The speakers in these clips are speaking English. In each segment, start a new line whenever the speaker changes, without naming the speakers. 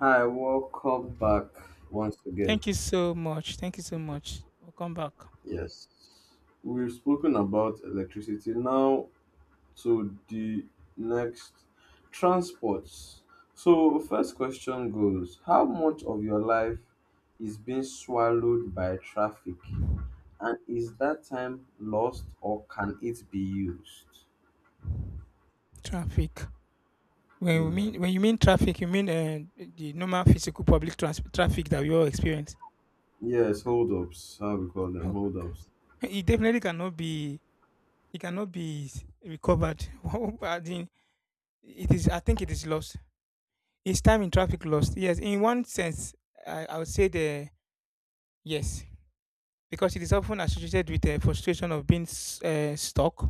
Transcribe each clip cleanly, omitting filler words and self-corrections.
Hi, welcome back once again.
Thank you so much. Thank you so much. We'll come back.
Yes, we've spoken about electricity. Now to the next transports. So, first question goes: How much of your life is being swallowed by traffic? And is that time lost or can it be used?
Traffic. When we
Hmm.
mean when you mean traffic, you mean the normal physical public traffic that we all experience.
Yes, hold ups. How we call them
Oh,
hold ups.
it definitely cannot be. It cannot be recovered. I think it is. I think it is lost. Is time in traffic lost? Yes. In one sense, I would say the yes because it is often associated with the frustration of being stuck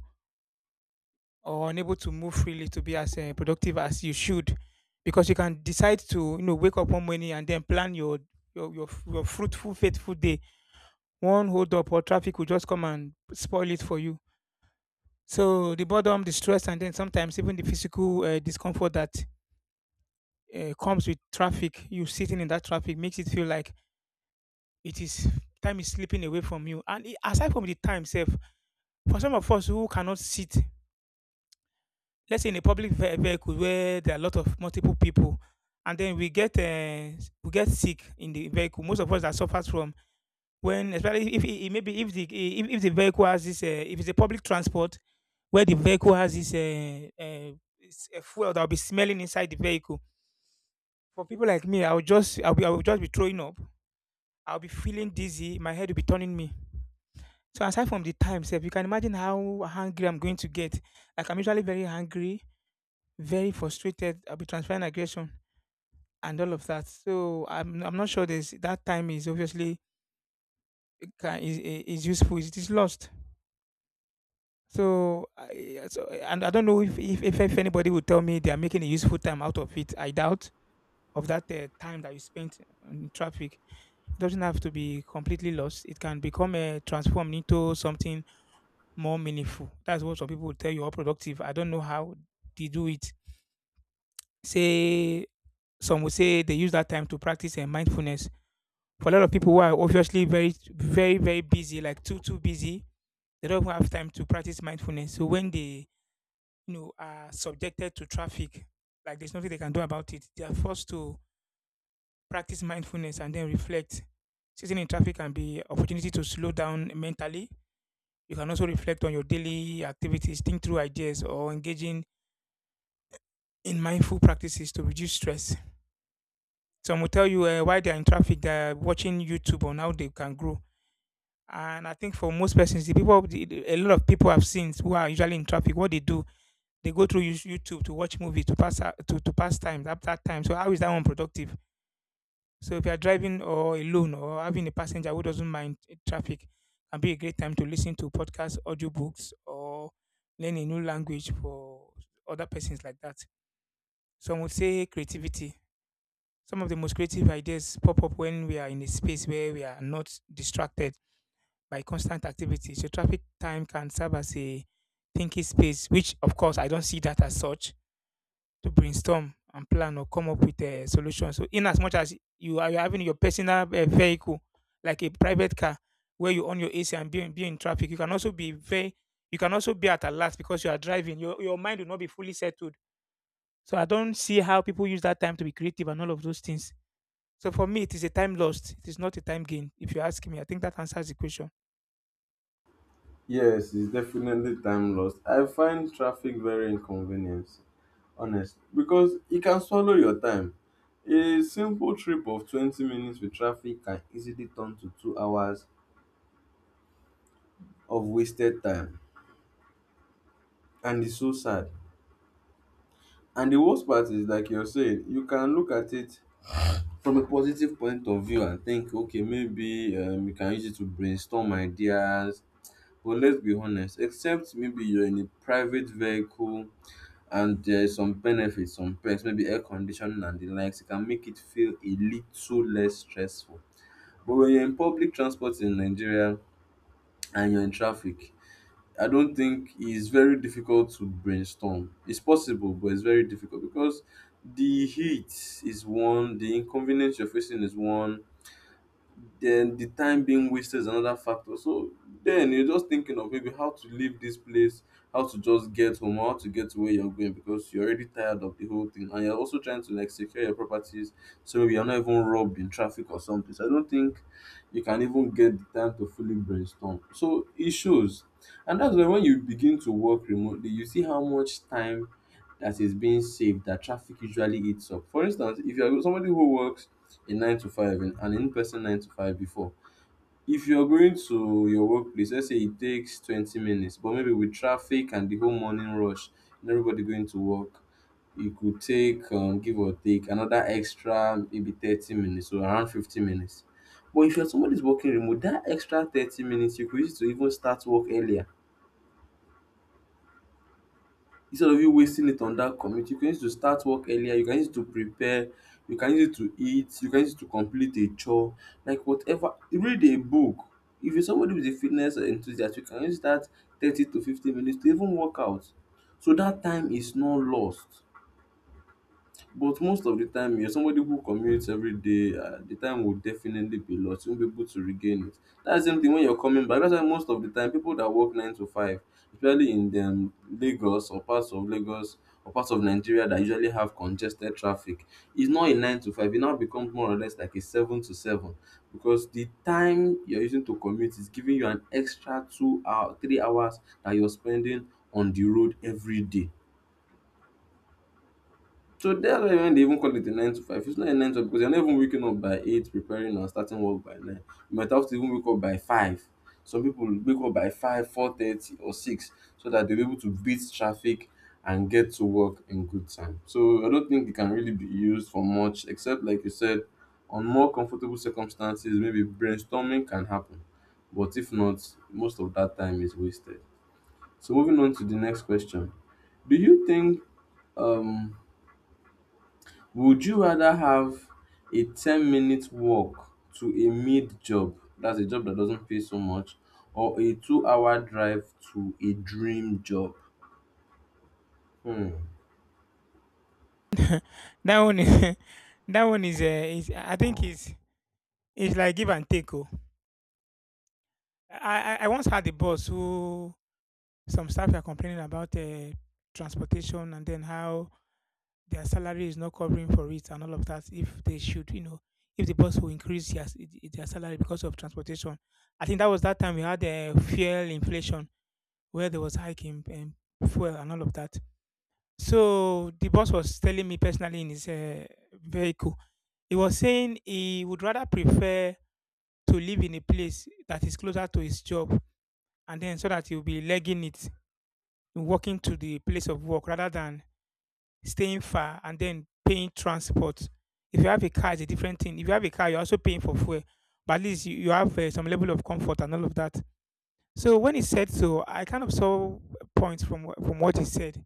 or unable to move freely, to be as productive as you should, because you can decide to wake up one morning and then plan your fruitful faithful day. One hold up or traffic will just come and spoil it for you. So the boredom, the stress, and then sometimes even the physical discomfort that comes with traffic, you sitting in that traffic, makes it feel like it is, time is slipping away from you. And aside from the time itself, for some of us who cannot sit, let's say, in a public vehicle where there are a lot of multiple people, and then we get sick in the vehicle. Most of us that suffers from, when, especially if it, maybe if the if the vehicle has this if it's a public transport where the vehicle has this fuel that will be smelling inside the vehicle, for people like me, I'll just be throwing up. I'll be feeling dizzy, my head will be turning me. So aside from the time sef, you can imagine how hungry I'm going to get. Like, I'm usually very hungry, very frustrated. I'll be transferring aggression and all of that. So I'm not sure there's that time is obviously, it can, is useful. It is lost. So, and I don't know if anybody will tell me they are making a useful time out of it. I doubt, of that time that you spent in traffic. It doesn't have to be completely lost. It can become transformed into something more meaningful. That's what some people will tell you, or productive. I don't know how they do it. Say, some will say they use that time to practice mindfulness. For a lot of people who are obviously very, very, very busy, like too busy, they don't even have time to practice mindfulness. So when they, you know, are subjected to traffic, like there's nothing they can do about it, they are forced to practice mindfulness and then reflect. Sitting in traffic can be opportunity to slow down mentally. You can also reflect on your daily activities, think through ideas, or engaging in mindful practices to reduce stress. Some will tell you why they are in traffic, they are watching YouTube on how they can grow. And I think for most persons, the people, a lot of people I've seen who are usually in traffic, what they do, they go through YouTube to watch movie to to pass time at that time. So how is that one productive? So if you are driving or alone or having a passenger who doesn't mind traffic, can be a great time to listen to podcasts, audiobooks, or learn a new language for other persons like that. Some would say creativity. Some of the most creative ideas pop up when we are in a space where we are not distracted by constant activity. So traffic time can serve as a thinking space, which of course I don't see that as such, to brainstorm and plan or come up with a solution. So in as much as you're having your personal vehicle, like a private car, where you own your AC and be in traffic, you can also be very, you can also be at a loss because you are driving. Your mind will not be fully settled. So I don't see how people use that time to be creative and all of those things. So for me, it is a time lost. It is not a time gain. If you ask me, I think that answers the question.
Yes, it's definitely time lost. I find traffic very inconvenient, honestly, because it can swallow your time. A simple trip of 20 minutes with traffic can easily turn to 2 hours of wasted time, and it's so sad. And the worst part is, like you're saying, you can look at it from a positive point of view and think, okay, maybe you can use it to brainstorm ideas. But let's be honest, except maybe you're in a private vehicle and there's some benefits, some perks, maybe air conditioning and the likes, it can make it feel a little less stressful. But when you're in public transport in Nigeria and you're in traffic, I don't think it's very difficult to brainstorm. It's possible, but it's very difficult because the heat is one, the inconvenience you're facing is one, then the time being wasted is another factor. So then you're just thinking of maybe how to leave this place, how to just get home, how to get to where you're going because you're already tired of the whole thing, and you're also trying to like secure your properties so maybe you're not even robbed in traffic or something. So I don't think you can even get the time to fully brainstorm. So it shows, and that's why when you begin to work remotely, you see how much time that is being saved that traffic usually eats up. For instance, if you're somebody who works a nine to five and an in-person nine to five before. If you're going to your workplace, let's say it takes 20 minutes, but maybe with traffic and the whole morning rush, and everybody going to work, it could take give or take another extra maybe 30 minutes or around 50 minutes. But if you're somebody's working remote, that extra 30 minutes you could use to even start work earlier, instead of you wasting it on that commute. You can use to start work earlier, you can use to prepare, you can use it to eat, you can use it to complete a chore, like whatever, read a book. If you're somebody with a fitness enthusiast, you can use that 30 to 50 minutes to even work out, so that time is not lost. But most of the time, you're somebody who commutes every day, the time will definitely be lost. You won't be able to regain it. That's the same thing when you're coming back. That's why most of the time people that work nine to five, especially in Lagos or parts of Lagos or parts of Nigeria that usually have congested traffic, it's not a nine to five. It now becomes more or less like a seven to seven because the time you're using to commute is giving you an extra 2 hour, 3 hours that you're spending on the road every day. So that's why when they even call it a nine to five, it's not a nine to five because you're not even waking up by eight, preparing and starting work by nine. You might have to even wake up by five. Some people wake up by five, 4:30, or six, so that they're able to beat traffic and get to work in good time. So I don't think it can really be used for much, except like you said, on more comfortable circumstances, maybe brainstorming can happen. But if not, most of that time is wasted. So moving on to the next question. Do you think um would you rather have a 10-minute walk to a mid job, that's a job that doesn't pay so much, or a 2 hour drive to a dream job? Hmm.
That one is, that one is I think is like give and take. Oh, I once had a boss who, some staff were complaining about transportation and then how their salary is not covering for it and all of that. If they should, you know, if the boss will increase their salary because of transportation. I think that was that time we had fuel inflation where there was hiking and fuel and all of that. So the boss was telling me personally in his vehicle. He was saying he would rather prefer to live in a place that is closer to his job, and then so that he'll be legging it, walking to the place of work rather than staying far and then paying transport. If you have a car, it's a different thing. If you have a car, you're also paying for fuel, but at least you have some level of comfort and all of that. So when he said so, I kind of saw points from from what he said,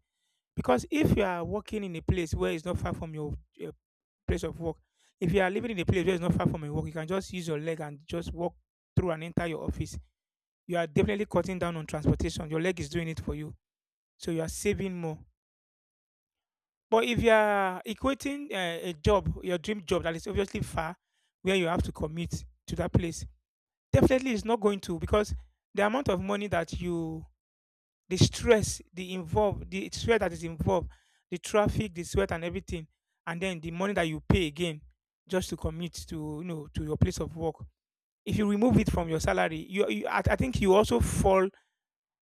because if you are working in a place where it's not far from your uh, place of work, if you are living in a place where it's not far from your work, you can just use your leg and just walk through and enter your office. You are definitely cutting down on transportation. Your leg is doing it for you, so you are saving more. But if you are equating a job, your dream job that is obviously far, where you have to commute to that place, definitely it's not going to, because the amount of money that you, the stress the involved, the sweat that is involved, the traffic, the sweat and everything, and then the money that you pay again just to commute to, you know, to your place of work, if you remove it from your salary, I think you also fall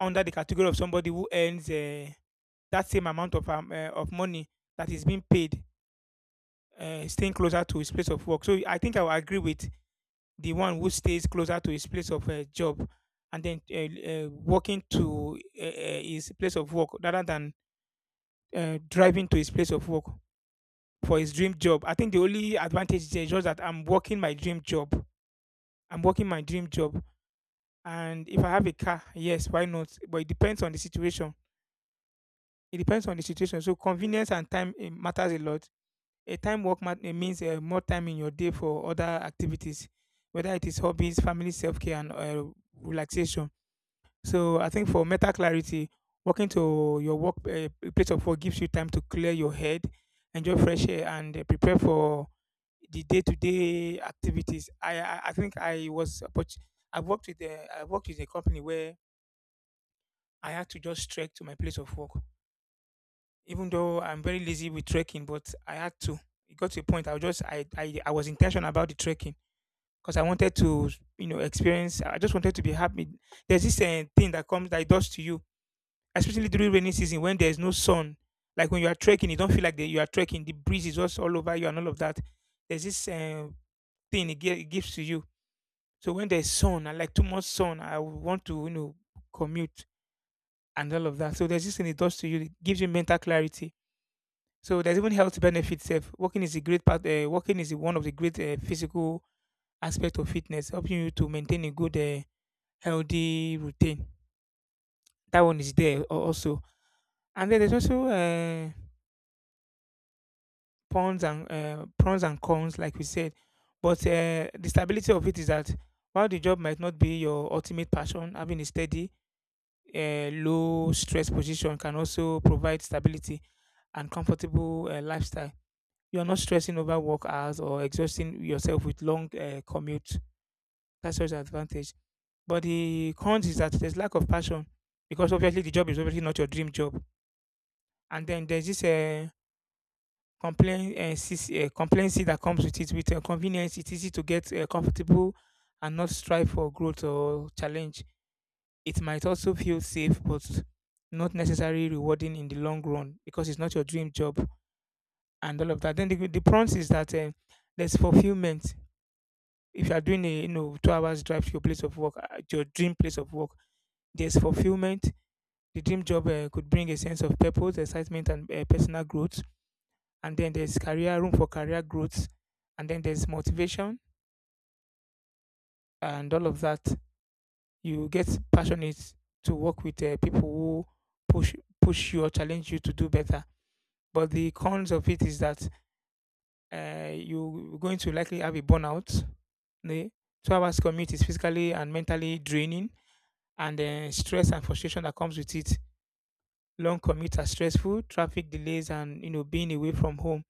under the category of somebody who earns that same amount of money that is being paid, staying closer to his place of work. So I think I will agree with the one who stays closer to his place of job and then walking to his place of work rather than driving to his place of work for his dream job. I think the only advantage there is just that I'm working my dream job. I'm working my dream job. And if I have a car, yes, why not? But it depends on the situation. It depends on the situation. So convenience and time, eh, matters a lot. A time means more time in your day for other activities, whether it is hobbies, family, self care, and relaxation. So I think for mental clarity, walking to your work place of work gives you time to clear your head, enjoy fresh air, and prepare for the day-to-day activities. I think I was I worked with a, I worked with a company where I had to just trek to my place of work, even though I'm very lazy with trekking, but I had to. It got to a point I was just I was intentional about the trekking because I wanted to, you know, experience. I just wanted to be happy. There's this thing that comes, that it does to you, especially during rainy season when there is no sun. Like when you are trekking, you don't feel like you are trekking. The breeze is just all over you and all of that. There's this thing it gives to you. So when there's sun, I like too much sun. I would want to, you know, commute and all of that. So there's this thing it does to you. It gives you mental clarity. So there's even health benefits. Sef. Walking is a great part. Walking is one of the great physical aspect of fitness, helping you to maintain a good, healthy routine. That one is there also. And then there's also pons and pros and cons, like we said. But the stability of it is that while the job might not be your ultimate passion, having a steady, low stress position can also provide stability and comfortable lifestyle. You are not stressing over work hours or exhausting yourself with long commute. That's such an advantage. But the cons is that there's lack of passion because obviously the job is obviously not your dream job. And then there's this complacency that comes with it. With convenience, it's easy to get comfortable and not strive for growth or challenge. It might also feel safe but not necessarily rewarding in the long run because it's not your dream job and all of that. Then the prompt is that there's fulfillment if you are doing a you know 2 hours drive to your place of work, your dream place of work. There's fulfillment. The dream job could bring a sense of purpose, excitement and personal growth. And then there's career room for career growth, and then there's motivation and all of that. You get passionate to work with people who push push you or challenge you to do better. But the cons of it is that you're going to likely have a burnout. The 2 hours commute is physically and mentally draining, and then stress and frustration that comes with it. Long commutes are stressful, traffic delays and you know being away from home.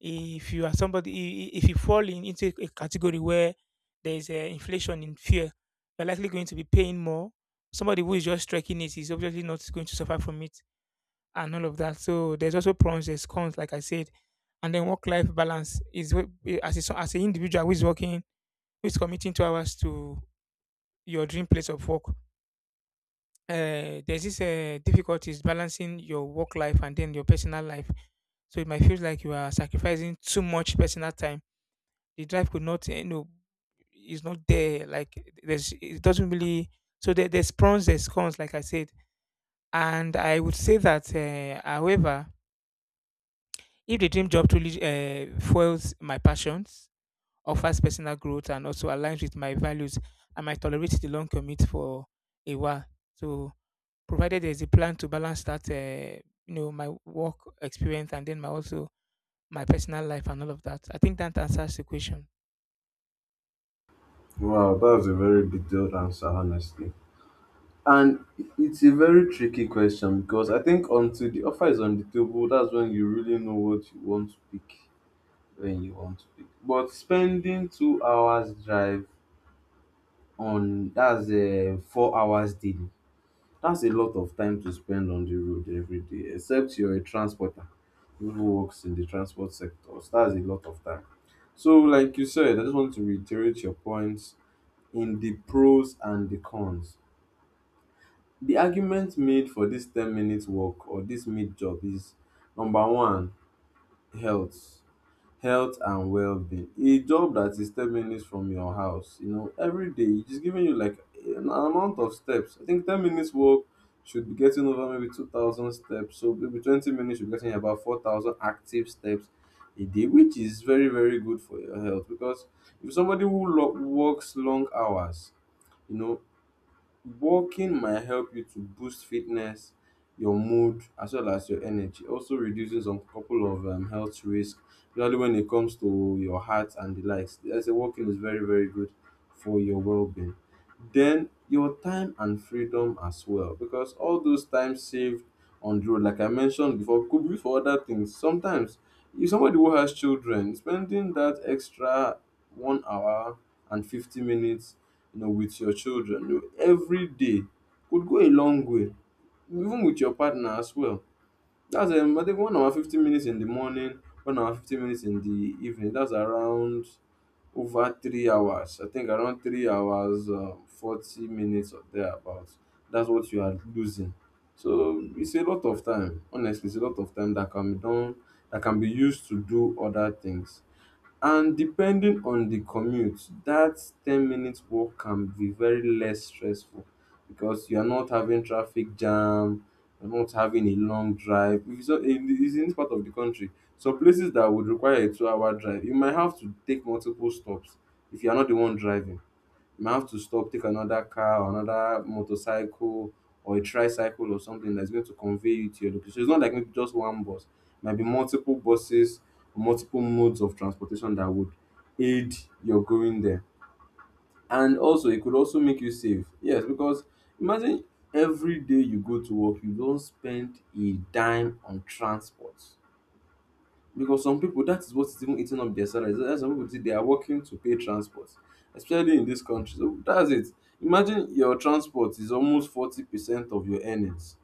If you are somebody if you fall into a category where there is a inflation in fear, you're likely going to be paying more. Somebody who is just trekking, it is obviously not going to suffer from it and all of that. So there's also pros, there's cons, like I said. And then work life balance is as as an individual who is working, who is committing 2 hours to your dream place of work, there's this difficulties balancing your work life and then your personal life. So it might feel like you are sacrificing too much personal time. The drive could not you know is not there, like there's it doesn't really. So there's pros, there's cons, like I said. And I would say that however, if the dream job truly fuels my passions, offers personal growth and also aligns with my values, I might tolerate the long commute for a while. So provided there's a plan to balance that, you know, my work experience and then my also my personal life and all of that, I think that answers the question.
Wow, that's a very detailed answer, honestly. And it's a very tricky question because I think until the offer is on the table, that's when you really know what you want to pick. When you want to pick, but spending 2 hours drive on, that's a 4 hours daily. That's a lot of time to spend on the road every day, except you're a transporter who works in the transport sector. So that's a lot of time. So, like you said, I just want to reiterate your points in the pros and the cons. The argument made for this 10-minute walk or this mid job is number one, health health and well-being. A job that is 10 minutes from your house, you know, every day it is giving you like an amount of steps. I think 10 minutes walk should be getting over maybe 2,000 steps, so maybe 20 minutes should are getting about 4,000 active steps a day, which is very, very good for your health. Because if somebody who works long hours, you know walking might help you to boost fitness, your mood, as well as your energy. Also reducing some couple of health risk, especially when it comes to your heart and the likes. I say walking is very, very good for your well-being. Then your time and freedom as well, because all those times saved on the road, like I mentioned before, could be for other things. Sometimes, if somebody who has children, spending that extra 1 hour and 50 minutes, with your children, every day could go a long way, even with your partner as well. That's I think 1 hour 50 minutes in the morning, 1 hour 50 minutes in the evening. That's around over 3 hours. I think around 3 hours 40 minutes or thereabouts. That's what you are losing. So it's a lot of time. Honestly, it's a lot of time that can be done, that can be used to do other things. And depending on the commute, that 10-minute walk can be very less stressful because you're not having traffic jam, you're not having a long drive. If it's, not- in it's in this part of the country, some places that would require a 2 hour drive, you might have to take multiple stops. If you're not the one driving, might have to stop, take another car or another motorcycle or a tricycle or something that's going to convey you to your location. So it's not like maybe just one bus. It might be multiple buses, multiple modes of transportation that would aid your going there. And also, it could also make you safe. Yes, because imagine every day you go to work, you don't spend a dime on transport because some people, that is what is even eating up their salaries. There are some people today, they are working to pay transport, especially in this country, so that's it. Imagine your transport is almost 40% of your earnings.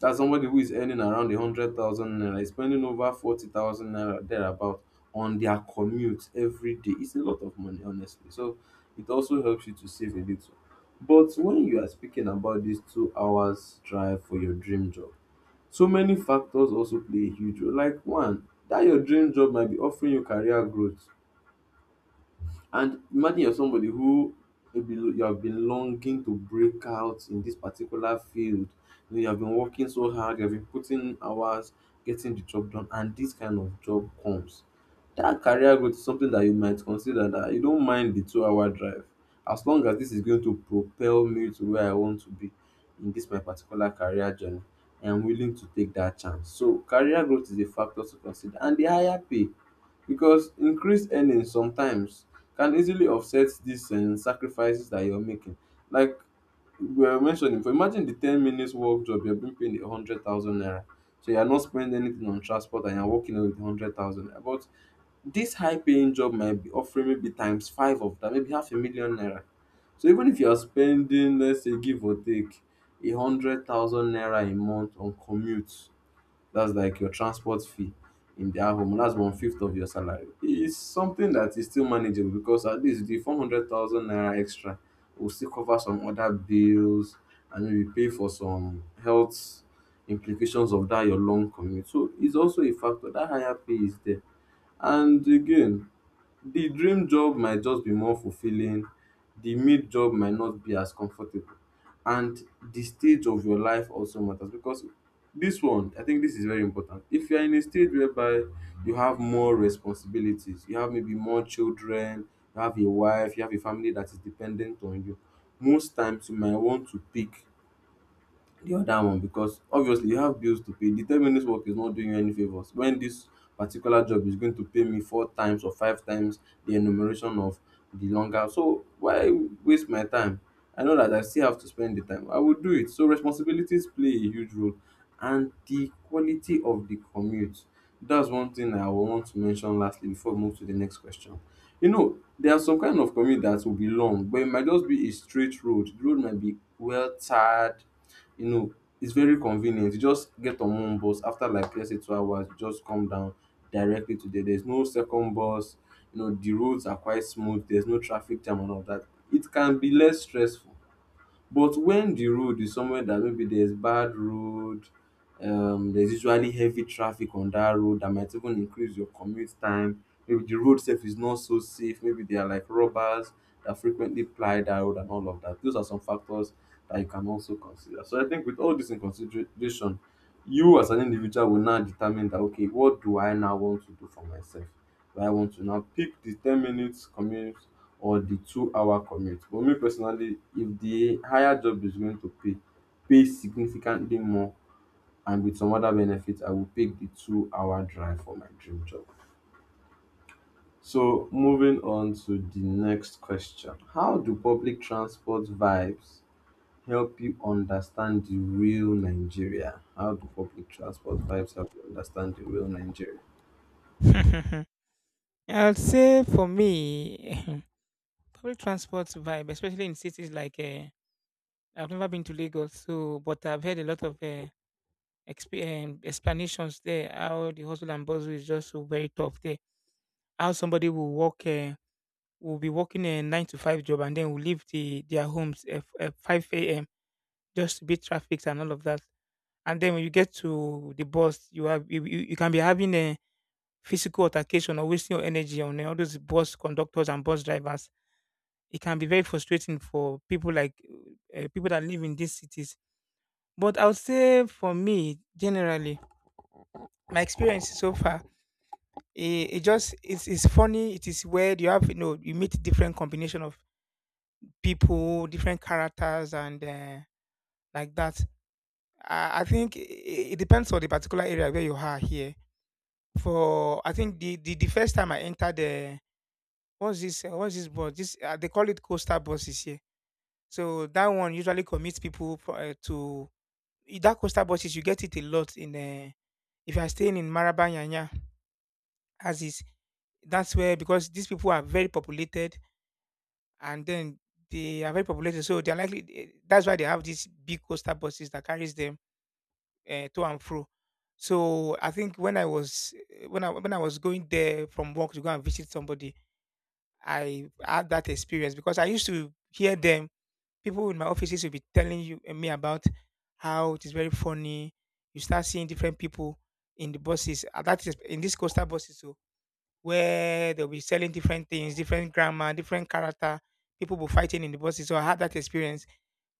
That's somebody who is earning around 100,000 naira is spending over 40,000 naira thereabout on their commute every day. It's a lot of money, honestly. So it also helps you to save a little. But when you are speaking about this 2 hours drive for your dream job, so many factors also play a huge role. Like one, that your dream job might be offering you career growth. And imagine you're somebody who maybe you have been longing to break out in this particular field. You have been working so hard, you have been putting hours, getting the job done, and this kind of job comes. That career growth is something that you might consider that you don't mind the 2 hour drive, as long as this is going to propel me to where I want to be in this my particular career journey. I am willing to take that chance. So career growth is a factor to consider and the higher pay because increased earnings sometimes can easily offset these sacrifices that you're making. Like we were mentioning, for imagine the 10 minutes work job you're being paid 100,000 naira. So you're not spending anything on transport and you're walking away with 100,000 naira. But this high paying job might be offering maybe times five of that, maybe half a million naira. So even if you're spending, let's say, give or take, a 100,000 naira a month on commute. That's like your transport fee in their home. That's one fifth of your salary. It's something that is still manageable because at least the 400,000 naira extra will still cover some other bills and maybe pay for some health implications of that your long commute. So it's also a factor. That higher pay is there. And again, the dream job might just be more fulfilling, the mid job might not be as comfortable, and the stage of your life also matters because this one, I think this is very important. If you're in a stage whereby you have more responsibilities, you have maybe more children, you have a wife, you have a family that is dependent on you, most times you might want to pick the other one because obviously you have bills to pay. The 10 minutes work is not doing you any favors when this particular job is going to pay me four times or five times the enumeration of the longer, so why waste my time? I know that I still have to spend the time, I will do it. So responsibilities play a huge role, and the quality of the commute. That's one thing I will want to mention lastly before we move to the next question. You know, there are some kind of commute that will be long, but it might just be a straight road, the road might be well tarred. you know, it's very convenient. You just get on one bus, after like let's say 2 hours, you just come down directly to there. There's no second bus. The roads are quite smooth. There's no traffic jam and all that. It can be less stressful. But when the road is somewhere that maybe there's bad road, there's usually heavy traffic on that road that might even increase your commute time. Maybe the road itself is not so safe. Maybe there are like robbers that frequently ply that road and all of that. Those are some factors that you can also consider. So I think with all this in consideration, you as an individual will now determine that, okay, what do I now want to do for myself? Do I want to now pick the 10 minutes commute or the 2 hour commute? For me personally, if the higher job is going to pay, pay significantly more and with some other benefits, I will pick the 2 hour drive for my dream job. So moving on to the next question. How do public transport vibes help you understand the real Nigeria? How do public transport vibes help you understand the real Nigeria?
I would say for me, public transport vibe, especially in cities like I've never been to Lagos, so but I've heard a lot of explanations there, how the hustle and bustle is just so very tough there. How somebody will walk, will be working a nine to five job and then will leave their homes at five a.m. just to beat traffic and all of that. And then when you get to the bus, you have you can be having a physical altercation or wasting your energy on all those bus conductors and bus drivers. It can be very frustrating for people like people that live in these cities. But I would say for me, generally, my experience so far, it's funny. It is weird. You have you know you meet different combination of people, different characters, and like that. I think it depends on the particular area where you are here. For I think the first time I entered the what's this bus? This they call it coastal buses here. So that one usually commits people for, to that coastal buses you get it a lot in if you are staying in Maraba Yanya as is. That's where, because these people are very populated, and then they are very populated, so they're likely eh, that's why they have these big coastal buses that carries them to and fro. So I think when I was when I was going there from work to go and visit somebody, I had that experience because I used to hear them, people in my offices will be telling me about how it is very funny. You start seeing different people in the buses. That is in these coastal buses, so where they'll be selling different things, different grammar, different character. People will fighting in the buses. So I had that experience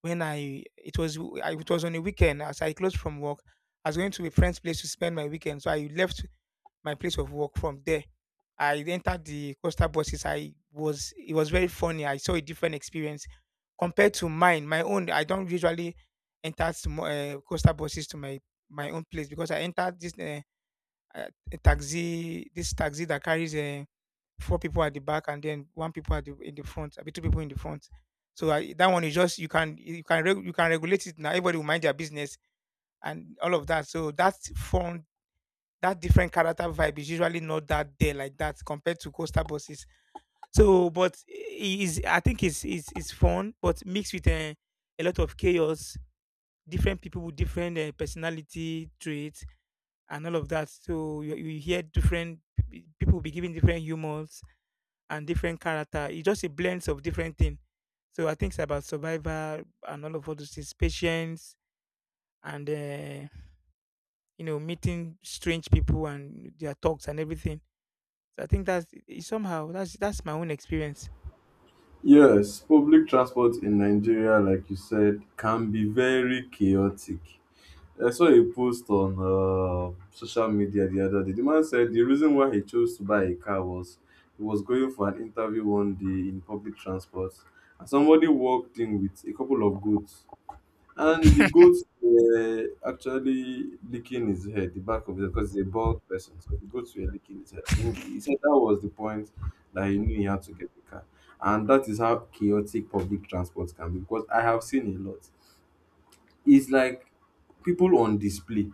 when I it was w- I- it was on a weekend as I closed from work. I was going to a friend's place to spend my weekend, so I left my place of work. From there I entered the coastal buses. I was It was very funny. I saw a different experience compared to mine. My own, I don't usually enter coastal buses to my own place, because I entered this a taxi, this taxi that carries four people at the back and then one people at in the front, I mean, two people in the front. So I, that one is just you can you can regulate it now. Everybody will mind their business and all of that. So that fun, that different character vibe is usually not that there like that compared to coastal buses. So, but I- is I think it's fun, but mixed with a lot of chaos, different people with different personality traits and all of that. So you hear different people be giving different humors and different character. It's just a blend of different things. So I think it's about survival and all of all those things, patience and you know meeting strange people and their talks and everything. So I think that's somehow that's my own experience.
Yes, public transport in Nigeria, like you said, can be very chaotic. I saw a post on social media the other day. The man said the reason why he chose to buy a car was he was going for an interview one day in public transport, and somebody walked in with a couple of goats, and the goats were actually licking his head, the back of his head, because he's a bald person. So the goats were licking his head. I think he said that was the point that he knew he had to get the car, and that is how chaotic public transport can be. Because I have seen a lot. It's like people on display.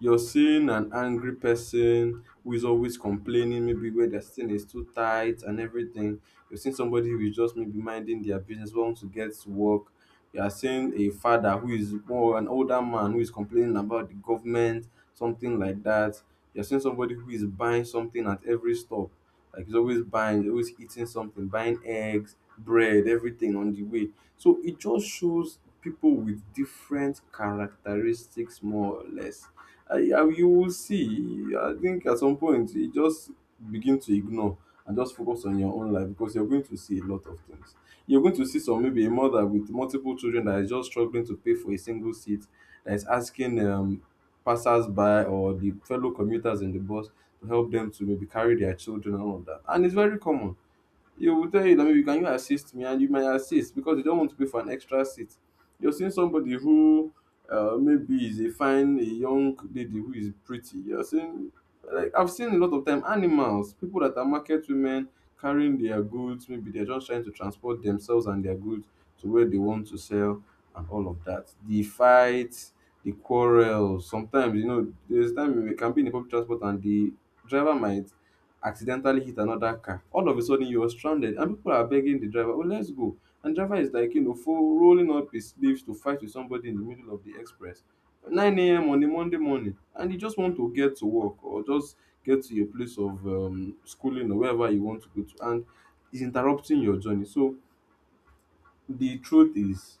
You're seeing an angry person who is always complaining, maybe where their thing is too tight and everything. You're seeing somebody who is just maybe minding their business, wants to get to work. You are seeing a father who is more an older man who is complaining about the government, something like that. You're seeing somebody who is buying something at every stop. Like, he's always buying, he's always eating something, buying eggs, bread, everything on the way. So it just shows people with different characteristics, more or less. I you will see. I think at some point you just begin to ignore and just focus on your own life, because you're going to see a lot of things. You're going to see some, maybe a mother with multiple children that is just struggling to pay for a single seat, that is asking passers-by or the fellow commuters in the bus to help them to maybe carry their children and all of that. And it's very common. You will tell you that, "you can you assist me?" and you might assist because they don't want to pay for an extra seat. You're seeing somebody who maybe is a fine, a young lady who is pretty. You're seeing, like, I've seen a lot of time animals, people that are market women carrying their goods. Maybe they're just trying to transport themselves and their goods to where they want to sell and all of that. The fights, the quarrels. Sometimes, there's time you can be in the public transport and the driver might accidentally hit another car. All of a sudden, you're stranded, and people are begging the driver, "Oh, let's go." And driver is like, full rolling up his sleeves to fight with somebody in the middle of the express, 9 a.m. on a Monday morning, and you just want to get to work or just get to your place of schooling or wherever you want to go to, and is interrupting your journey. So the truth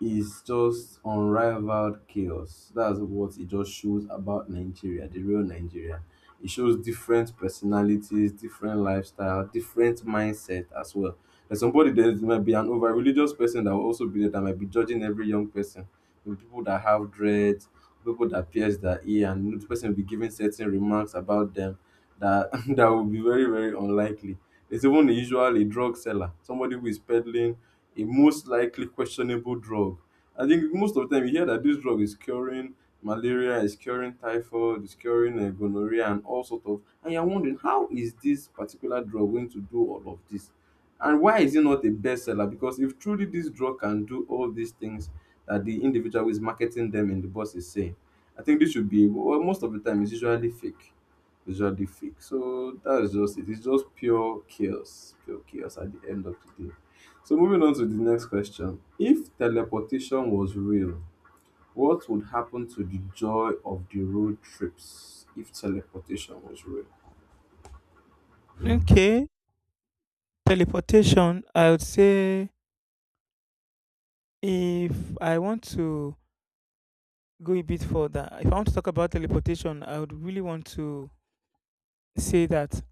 is just unrivaled chaos. That's what it just shows about Nigeria, the real Nigeria. It shows different personalities, different lifestyle, different mindset as well. There's somebody, there might be an over religious person that will also be there that might be judging every young person. Maybe people that have dreads, people that pierce their ear, and the person will be giving certain remarks about them that that will be very, very unlikely. There's even usually a drug seller, somebody who is peddling a most likely questionable drug. I think most of the time you hear that this drug is curing malaria, is curing typhoid, is curing gonorrhea, and all sort of. And you're wondering, how is this particular drug going to do all of this, and why is it not a bestseller? Because if truly this drug can do all these things that the individual who is marketing them in the bus is saying, I think this should be well, most of the time it's usually fake. It's usually fake. So that is just it. It's just pure chaos. Pure chaos at the end of the day. So moving on to the next question. If teleportation was real, what would happen to the joy of the road trips if teleportation was real?
Okay. Teleportation, I would say if I want to go a bit further, if I want to talk about teleportation, I would really want to say that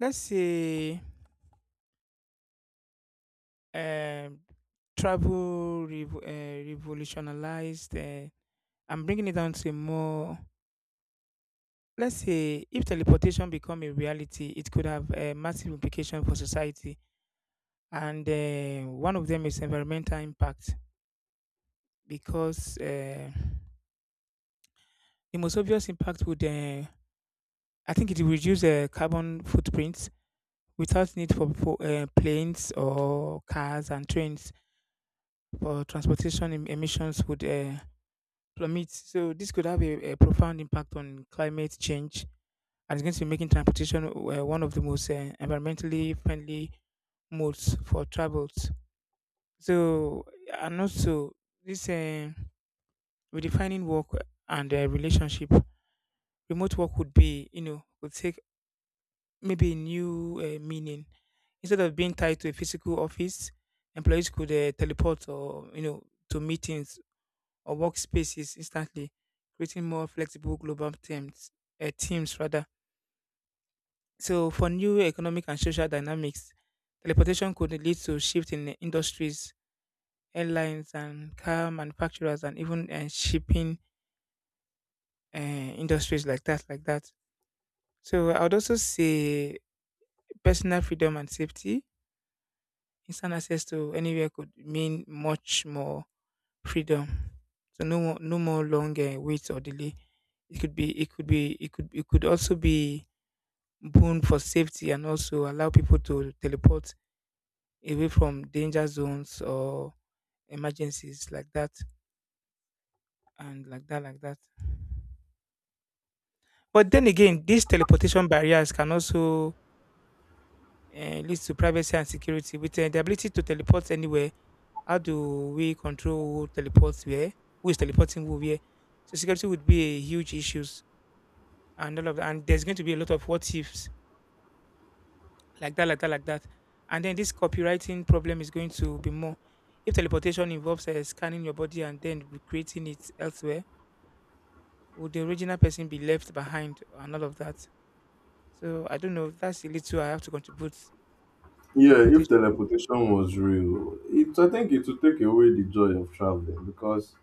let's say um, travel revolutionized. I'm bringing it down to more. Let's say if teleportation become a reality, it could have a massive implication for society, and one of them is environmental impact, because the most obvious impact would I think it will reduce the carbon footprint without need for planes or cars and trains. For transportation, emissions would plummet. So this could have a profound impact on climate change, and it's going to be making transportation one of the most environmentally friendly modes for travels. So and also this redefining work and relationship. Remote work would be, you know, would take maybe a new meaning. Instead of being tied to a physical office, employees could teleport or you know to meetings or workspaces instantly, creating more flexible global teams. Teams, rather. So for new economic and social dynamics, teleportation could lead to shift in the industries: airlines and car manufacturers, and even shipping industries, like that, like that. So I would also say personal freedom and safety. Instant access to anywhere could mean much more freedom. So no more longer waits or delay. It could it could also be boon for safety, and also allow people to teleport away from danger zones or emergencies, like that and like that, like that. But then again, these teleportation barriers can also lead to privacy and security. With the ability to teleport anywhere, how do we control who teleports where? Who is teleporting who where? So security would be a huge issues and all of that. And there's going to be a lot of what ifs, like that, like that, like that. And then this copywriting problem is going to be more. If teleportation involves scanning your body and then recreating it elsewhere, would the original person be left behind and all of that? So I don't know. That's a little I have to contribute at
Yeah, if
teleportation.
teleportation was real, it I think it would take away the joy of traveling because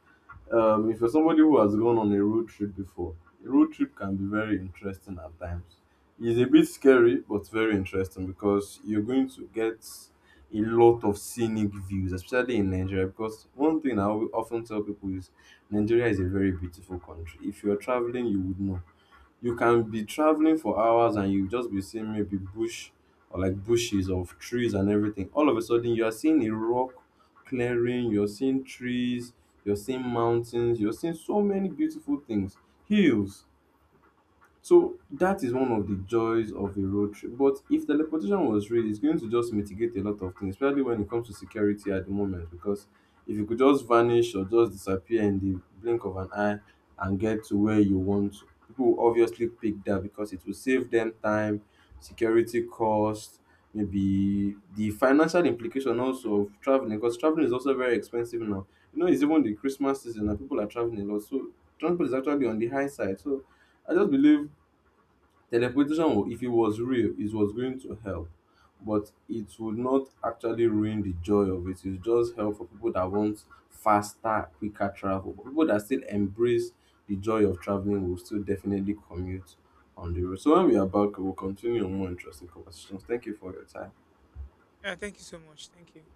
if you're somebody who has gone on a road trip before, a road trip can be very interesting at times. It's a bit scary, but very interesting because you're going to get a lot of scenic views, especially in Nigeria. Because one thing often tell people is Nigeria is a very beautiful country. If you're traveling, you would know. You can be traveling for hours and you just be seeing maybe bush or like bushes of trees and everything. All of a sudden, you are seeing a rock clearing, you're seeing trees, you're seeing mountains, you're seeing so many beautiful things, hills. So that is one of the joys of a road trip. But if teleportation was real, it's going to just mitigate a lot of things, especially when it comes to security at the moment. Because if you could just vanish or just disappear in the blink of an eye and get to where you want, to, people will obviously pick that because it will save them time, security costs, maybe the financial implication also of traveling. Because traveling is also very expensive now. It's even the Christmas season and people are traveling a lot. So transport is actually on the high side. So I just believe teleportation, if it was real, it was going to help, but it would not actually ruin the joy of it. It's just help for people that want faster, quicker travel. But people that still embrace the joy of traveling will still definitely commute on the road. So when we are back, we'll continue on more interesting conversations. Thank you for your time.
Yeah, thank you so much. Thank you.